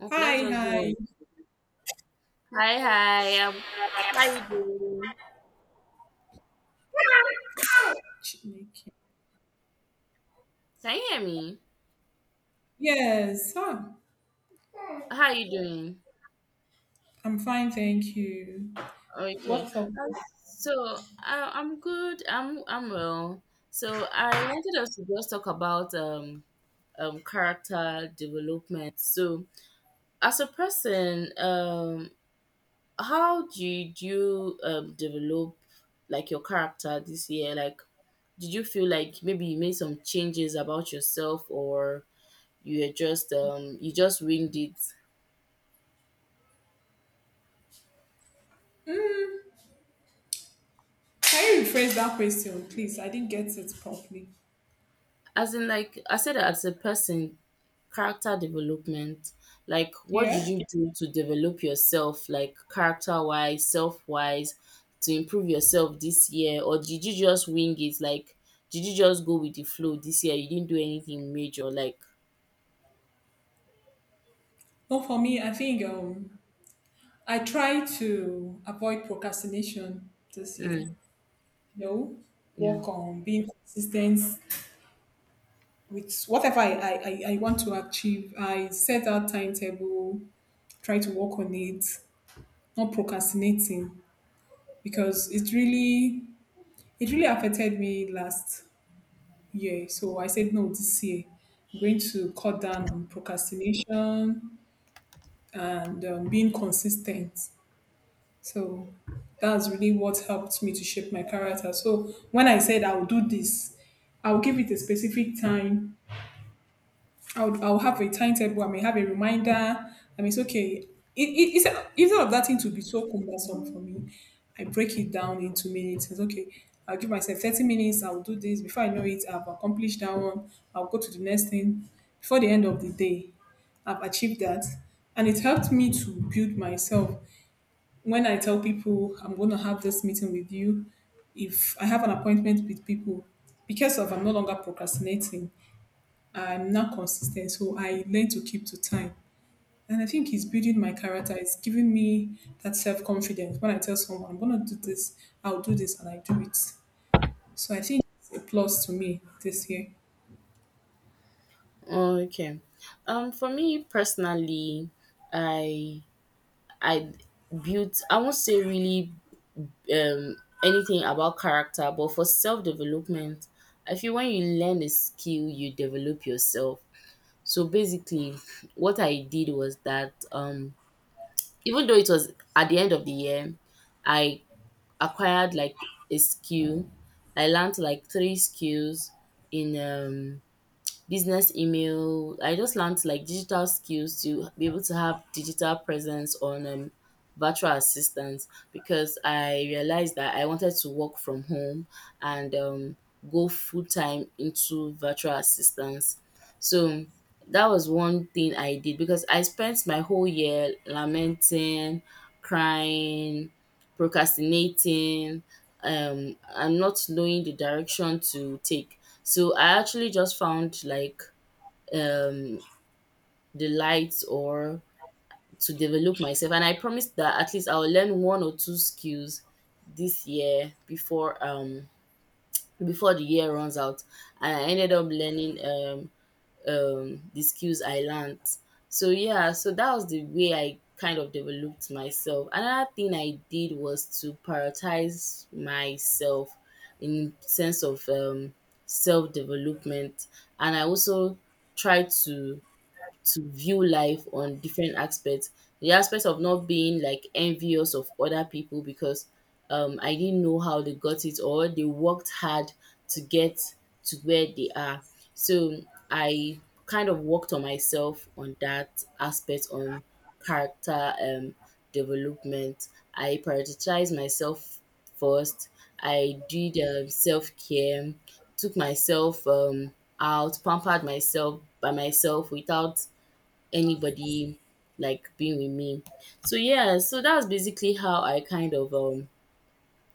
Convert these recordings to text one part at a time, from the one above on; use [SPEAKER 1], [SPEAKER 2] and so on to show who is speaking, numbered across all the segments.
[SPEAKER 1] Mm, let's
[SPEAKER 2] Hi,
[SPEAKER 1] just do
[SPEAKER 2] hi.
[SPEAKER 1] one. Hi, hi. How you doing?
[SPEAKER 2] Chineke.
[SPEAKER 1] Can you hear me?
[SPEAKER 2] Yes, huh.
[SPEAKER 1] How you doing?
[SPEAKER 2] I'm fine, thank you.
[SPEAKER 1] Okay.
[SPEAKER 2] What's up?
[SPEAKER 1] Um, so I'm good. I'm well. So I wanted us to just talk about character development. So as a person, how did you develop like your character this year? Like, did you feel like maybe you made some changes about yourself, or you just winged it?
[SPEAKER 2] Can you rephrase that question, please? I didn't get it properly.
[SPEAKER 1] As in, like I said, as a person, character development, like, what did
[SPEAKER 2] Yeah?
[SPEAKER 1] you do to develop yourself? Like character wise, self wise, to improve yourself this year? Or did you just wing it? Like, did you just go with the flow this year? You didn't do anything major, like.
[SPEAKER 2] Well, for me, I think, I try to avoid procrastination this year.
[SPEAKER 1] Mm,
[SPEAKER 2] You know,
[SPEAKER 1] yeah.
[SPEAKER 2] work on being consistent with whatever I want to achieve. I set out timetable, try to work on it, not procrastinating because it really affected me last year. So I said, no, this year I'm going to cut down on procrastination and being consistent. So that's really what helped me to shape my character. So when I said I'll do this, I'll give it a specific time. I'll have a timetable. I may have a reminder. I mean, it's okay. It, it, it's, Instead of that thing to be so cumbersome for me, I break it down into minutes. It's okay. I'll give myself 30 minutes. I'll do this. Before I know it, I've accomplished that one. I'll go to the next thing. Before the end of the day, I've achieved that. And it helped me to build myself. When I tell people I'm going to have this meeting with you, if I have an appointment with people, because of I'm no longer procrastinating, I'm not consistent, so I learn to keep to time. And I think it's building my character. It's giving me that self confidence. When I tell someone I'm gonna do this, I'll do this, and I do it. So I think it's a plus to me this year.
[SPEAKER 1] Okay. For me personally, i i I won't say really, um, anything about character, but for self development, I feel when you learn a skill, you develop yourself. So basically, what I did was that, even though it was at the end of the year, I acquired like a skill. I learned like three skills in, business email. I just learned like digital skills to be able to have digital presence on, virtual assistants, because I realized that I wanted to work from home and, go full time into virtual assistance. So that was one thing I did, because I spent my whole year lamenting, crying, procrastinating, and not knowing the direction to take. So I actually just found like, um the lights, or to develop myself, and I promised that at least I'll learn one or two skills this year, before the year runs out. And I ended up learning the skills I learned. So yeah, so that was the way I kind of developed myself. Another thing I did was to prioritize myself in sense of, self development, and I also try to view life on different aspects. The aspect of not being like envious of other people, because, I didn't know how they got it, or they worked hard to get to where they are. So I kind of worked on myself on that aspect, on character development. I prioritized myself first. I did, self care, took myself, out, pampered myself by myself, without anybody like being with me. So yeah, so that's basically how I kind of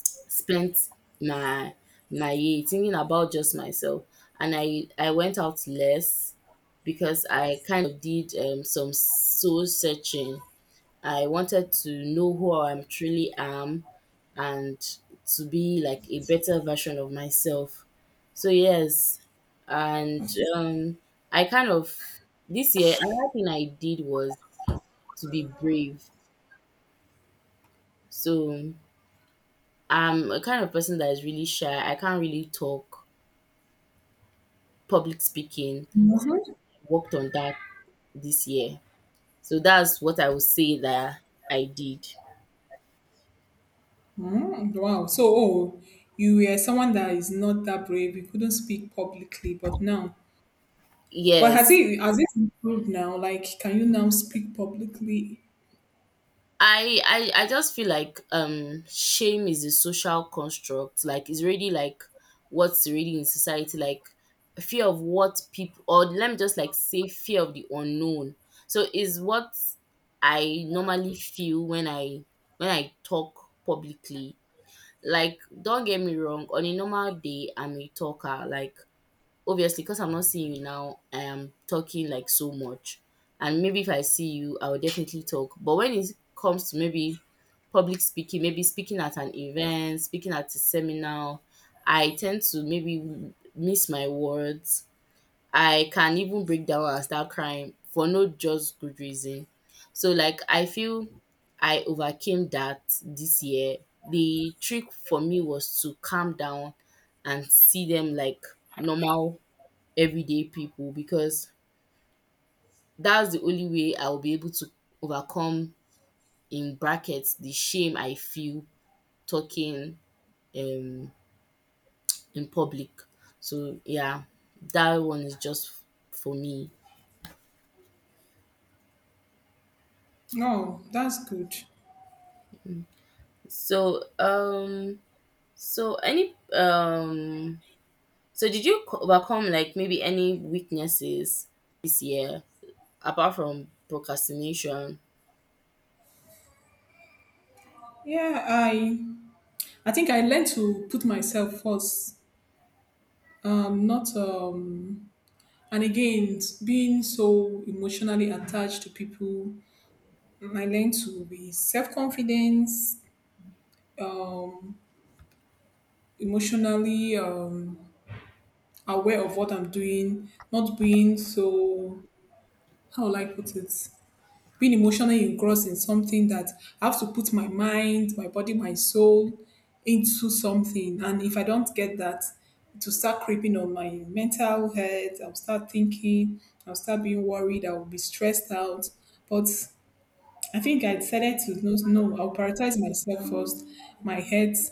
[SPEAKER 1] spent my my year thinking about just myself. And I went out less because I kind of did some soul searching. I wanted to know who I truly am, and to be like a better version of myself. So yes. And um I kind of this year another thing I did was to be brave. So I'm a kind of person that is really shy. I can't really talk, public speaking. So
[SPEAKER 2] Mm-hmm.
[SPEAKER 1] I worked on that this year. So that's what I would say that I did.
[SPEAKER 2] Mm, wow. So oh, you were someone that is not that brave. You couldn't speak publicly, but now, but has
[SPEAKER 1] Yes,
[SPEAKER 2] it has it improved now? Like, can you now speak publicly?
[SPEAKER 1] I just feel like, shame is a social construct. Like it's already like what's already in society, like fear of what people, or let me just like say fear of the unknown. So is what I normally feel when I talk publicly. Like, don't get me wrong, on a normal day I'm a talker. Like, obviously, because I'm not seeing you now, I am talking like so much. And maybe if I see you, I will definitely talk. But when it comes to maybe public speaking, maybe speaking at an event, speaking at a seminar, I tend to maybe miss my words. I can even break down and start crying for no just good reason. So, like, I feel I overcame that this year. The trick for me was to calm down and see them like normal everyday people, because that's the only way I'll be able to overcome, in brackets, the shame I feel talking um in public. So yeah, that one is just for me.
[SPEAKER 2] No, that's good.
[SPEAKER 1] So, so any, so did you overcome, like, maybe any weaknesses this year, apart from procrastination?
[SPEAKER 2] Yeah, I think I learned to put myself first not and again being so emotionally attached to people I learned to be self confident um emotionally aware of what I'm doing not being so how will I put it being emotionally engrossed in something that I have to put my mind, my body, my soul into something. And if I don't get that, to start creeping on my mental health, I'll start thinking, I'll start being worried, I'll be stressed out. But I think I decided to know, no, I'll prioritize myself first, my health,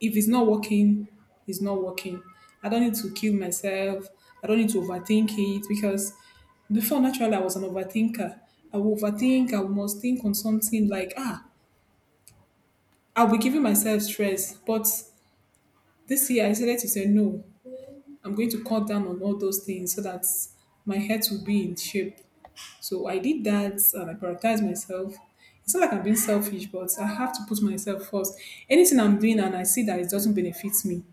[SPEAKER 2] if it's not working, it's not working. I don't need to kill myself. I don't need to overthink it because before naturally I was an overthinker. I will overthink, I must think on something like, ah, I'll be giving myself stress. But this year I decided to say, no, I'm going to cut down on all those things so that my health will be in shape. So I did that and I prioritized myself. It's not like I'm being selfish, but I have to put myself first. Anything I'm doing and I see that it doesn't benefit me,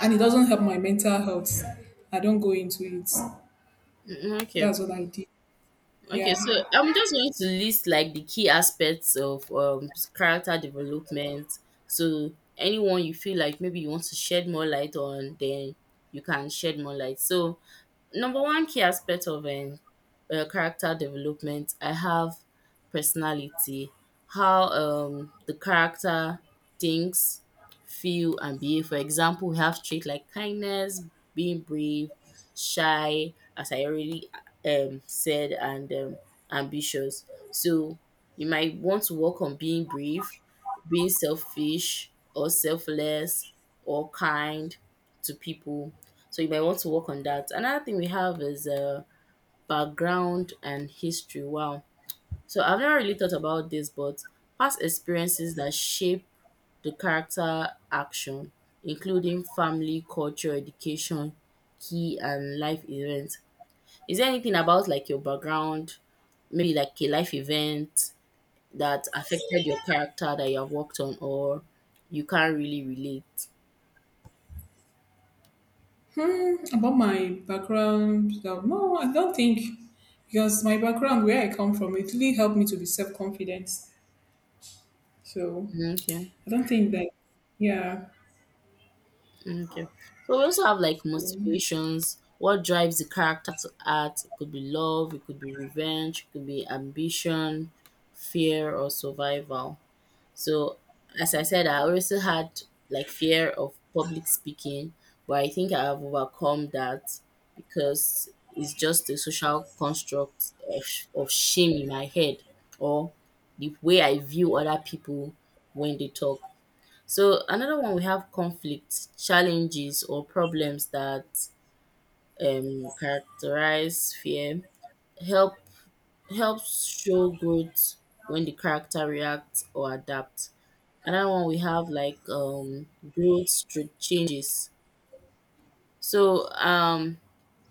[SPEAKER 2] and it doesn't help my mental health. I don't go into it.
[SPEAKER 1] Mm, okay.
[SPEAKER 2] That's what I did.
[SPEAKER 1] Okay, so
[SPEAKER 2] Yeah.
[SPEAKER 1] I'm just going to list like the key aspects of, character development. So anyone you feel like maybe you want to shed more light on, then you can shed more light. So number one key aspect of, character development, I have personality, how, the character thinks, feel, and behave. For example, we have traits like kindness, being brave, shy, as I already, said, and, ambitious. So you might want to work on being brave, being selfish, or selfless, or kind to people, so you might want to work on that. Another thing we have is, background and history. Wow. So I've never really thought about this, but past experiences that shape the character action, including family, culture, education, key, and life events. Is there anything about like your background, maybe like a life event, that affected your character, that you have worked on, or you can't really relate?
[SPEAKER 2] Hmm, about my background, no, I don't think because my background, where I come from, it really helped me to be self confident. So
[SPEAKER 1] Okay.
[SPEAKER 2] I don't think that. Yeah.
[SPEAKER 1] Okay. So we also have like motivations. What drives the character to act? It could be love, it could be revenge, it could be ambition, fear, or survival. So, as I said, I also had like fear of public speaking, but I think I have overcome that, because it's just a social construct of shame in my head, or the way I view other people when they talk. So another one we have conflicts, challenges, or problems that, characterize fear, help helps show growth when the character reacts or adapts. Another one we have like, growth through changes. So,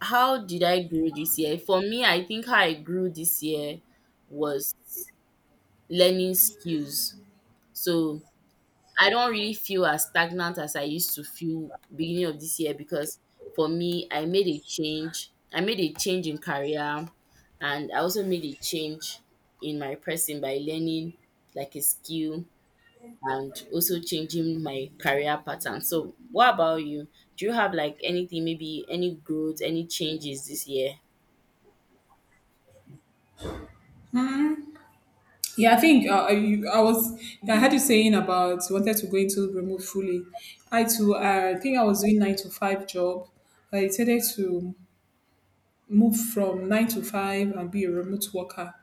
[SPEAKER 1] how did I grow this year? For me, I think how I grew this year was learning skills. So I don't really feel as stagnant as I used to feel beginning of this year, because for me, I made a change. I made a change in career, and I also made a change in my person by learning like a skill, and also changing my career pattern. So, what about you? Do you have like anything, maybe any growth, any changes this year?
[SPEAKER 2] Yeah, I think I was. I had you saying about you wanted to go into remote fully. I too. I think I was doing nine to five job. I decided to move from nine to five and be a remote worker.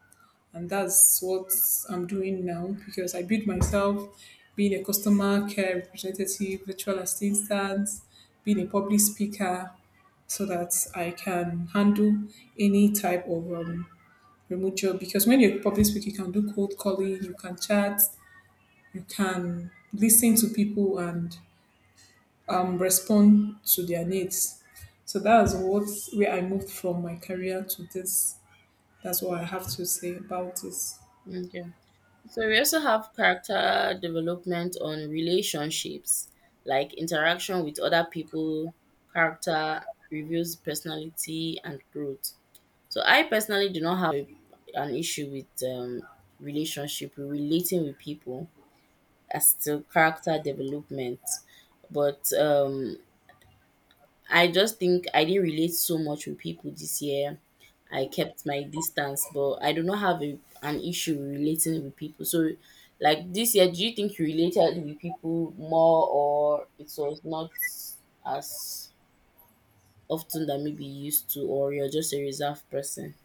[SPEAKER 2] And that's what I'm doing now because I built myself being a customer care representative, virtual assistant, being a public speaker, so that I can handle any type of remote job. Because when you're a public speaker, you can do cold calling, you can chat, you can listen to people and respond to their needs. So that's what where I moved from my career to this. That's what I have to say about this.
[SPEAKER 1] Okay. So we also have character development on relationships, like interaction with other people, character reveals personality and growth. So I personally do not have an issue with, relationship, relating with people as to character development, but, I just think I didn't relate so much with people this year. I kept my distance, but I do not have an issue with relating with people. So, like this year, do you think you related with people more, or it was not as often that maybe you used to, or you're just a reserved person?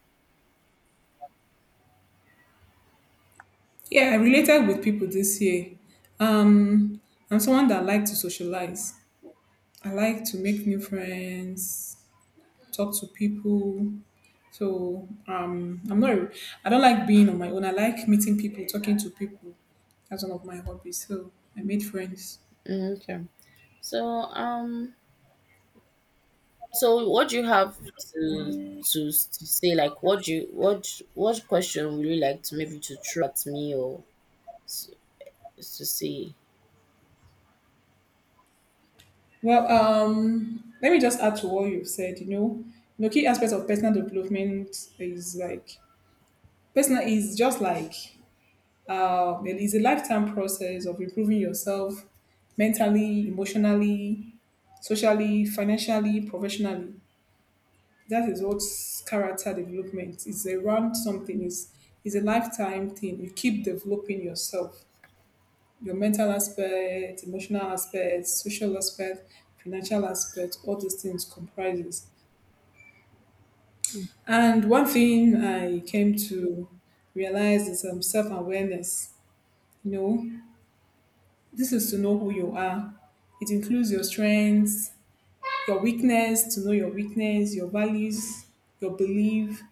[SPEAKER 2] Yeah, I related with people this year. Um, I'm someone that like to socialize. I like to make new friends, talk to people. So I'm not. I don't like being on my own. I like meeting people, talking to people. That's one of my hobbies. So I made friends.
[SPEAKER 1] Mm, okay. So, so what do you have to say? Like, what question would you like to maybe to throw at me, or to, to say?
[SPEAKER 2] Well, let me just add to what you've said. You know, the key aspect of personal development is like, personal is just like, it is a lifetime process of improving yourself mentally, emotionally, socially, financially, professionally. That is what character development is around something. Is a lifetime thing. You keep developing yourself, your mental aspect, emotional aspect, social aspect, financial aspect. All these things comprises. And one thing I came to realize is self awareness. You know, this is to know who you are. It includes your strengths, your weakness, to know your weakness, your values, your belief,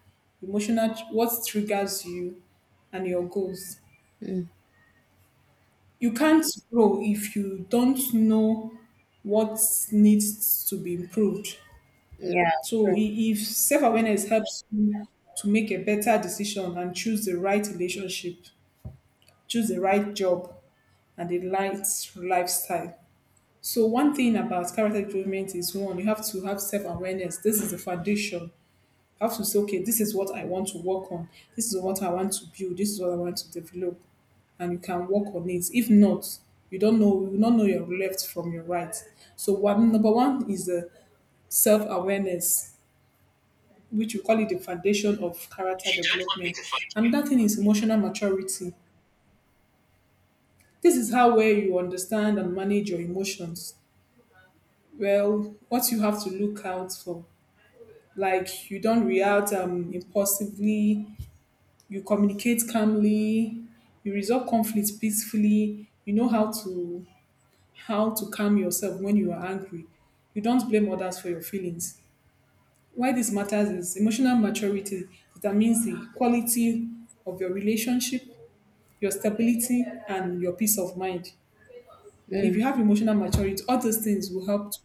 [SPEAKER 2] emotional, what triggers you, and your goals. You can't grow if you don't know what needs to be improved.
[SPEAKER 1] Yeah,
[SPEAKER 2] So,
[SPEAKER 1] true.
[SPEAKER 2] if self awareness helps you to make a better decision and choose the right relationship, choose the right job, and the right lifestyle. So one thing about character development is one, you have to have self-awareness. This is the foundation. You have to say, okay, this is what I want to work on. This is what I want to build. This is what I want to develop. And you can work on it. If not, you don't know, you will not know your left from your right. So one number one is the self-awareness, which we call it the foundation of character development. And that thing is emotional maturity. This is how well you understand and manage your emotions. Well, what you have to look out for like you don't react impulsively, you communicate calmly, you resolve conflicts peacefully, you know how to calm yourself when you are angry. You don't blame others for your feelings. Why this matters is emotional maturity determines the quality of your relationship, your stability, and your peace of mind. If you
[SPEAKER 1] Mm,
[SPEAKER 2] have emotional maturity, all those things will help to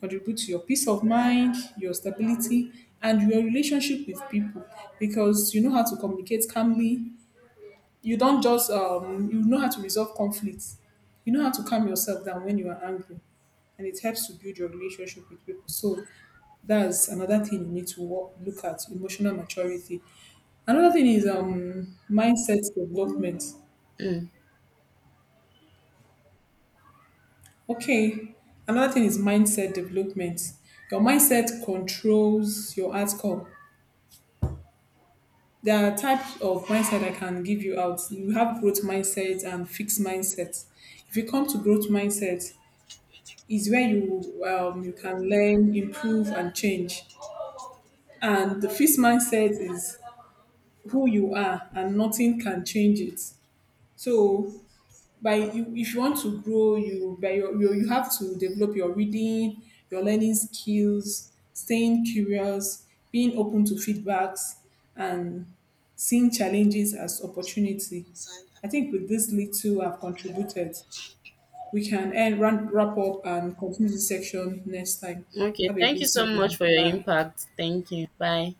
[SPEAKER 2] contribute to your peace of mind, your stability, and your relationship with people because you know how to communicate calmly. You don't just, you know how to resolve conflicts. You know how to calm yourself down when you are angry, and it helps to build your relationship with people. So that's another thing you need to work, look at emotional maturity. Another thing is mindset development.
[SPEAKER 1] mm.
[SPEAKER 2] Okay, another thing is mindset development. Your mindset controls your outcome. There are types of mindset I can give you out. You have growth mindset and fixed mindset. If you come to growth mindset, is where you can learn, improve, and change. And the fixed mindset is who you are, and nothing can change it. So, by you, if you want to grow, you have to develop your reading, your learning skills, staying curious, being open to feedbacks, and seeing challenges as opportunity. I think with this little I've contributed, we can end, wrap up and continue this section next time.
[SPEAKER 1] Okay.
[SPEAKER 2] Have a
[SPEAKER 1] Thank you
[SPEAKER 2] good
[SPEAKER 1] so much
[SPEAKER 2] evening.
[SPEAKER 1] for your
[SPEAKER 2] Bye.
[SPEAKER 1] impact. Thank you. Bye.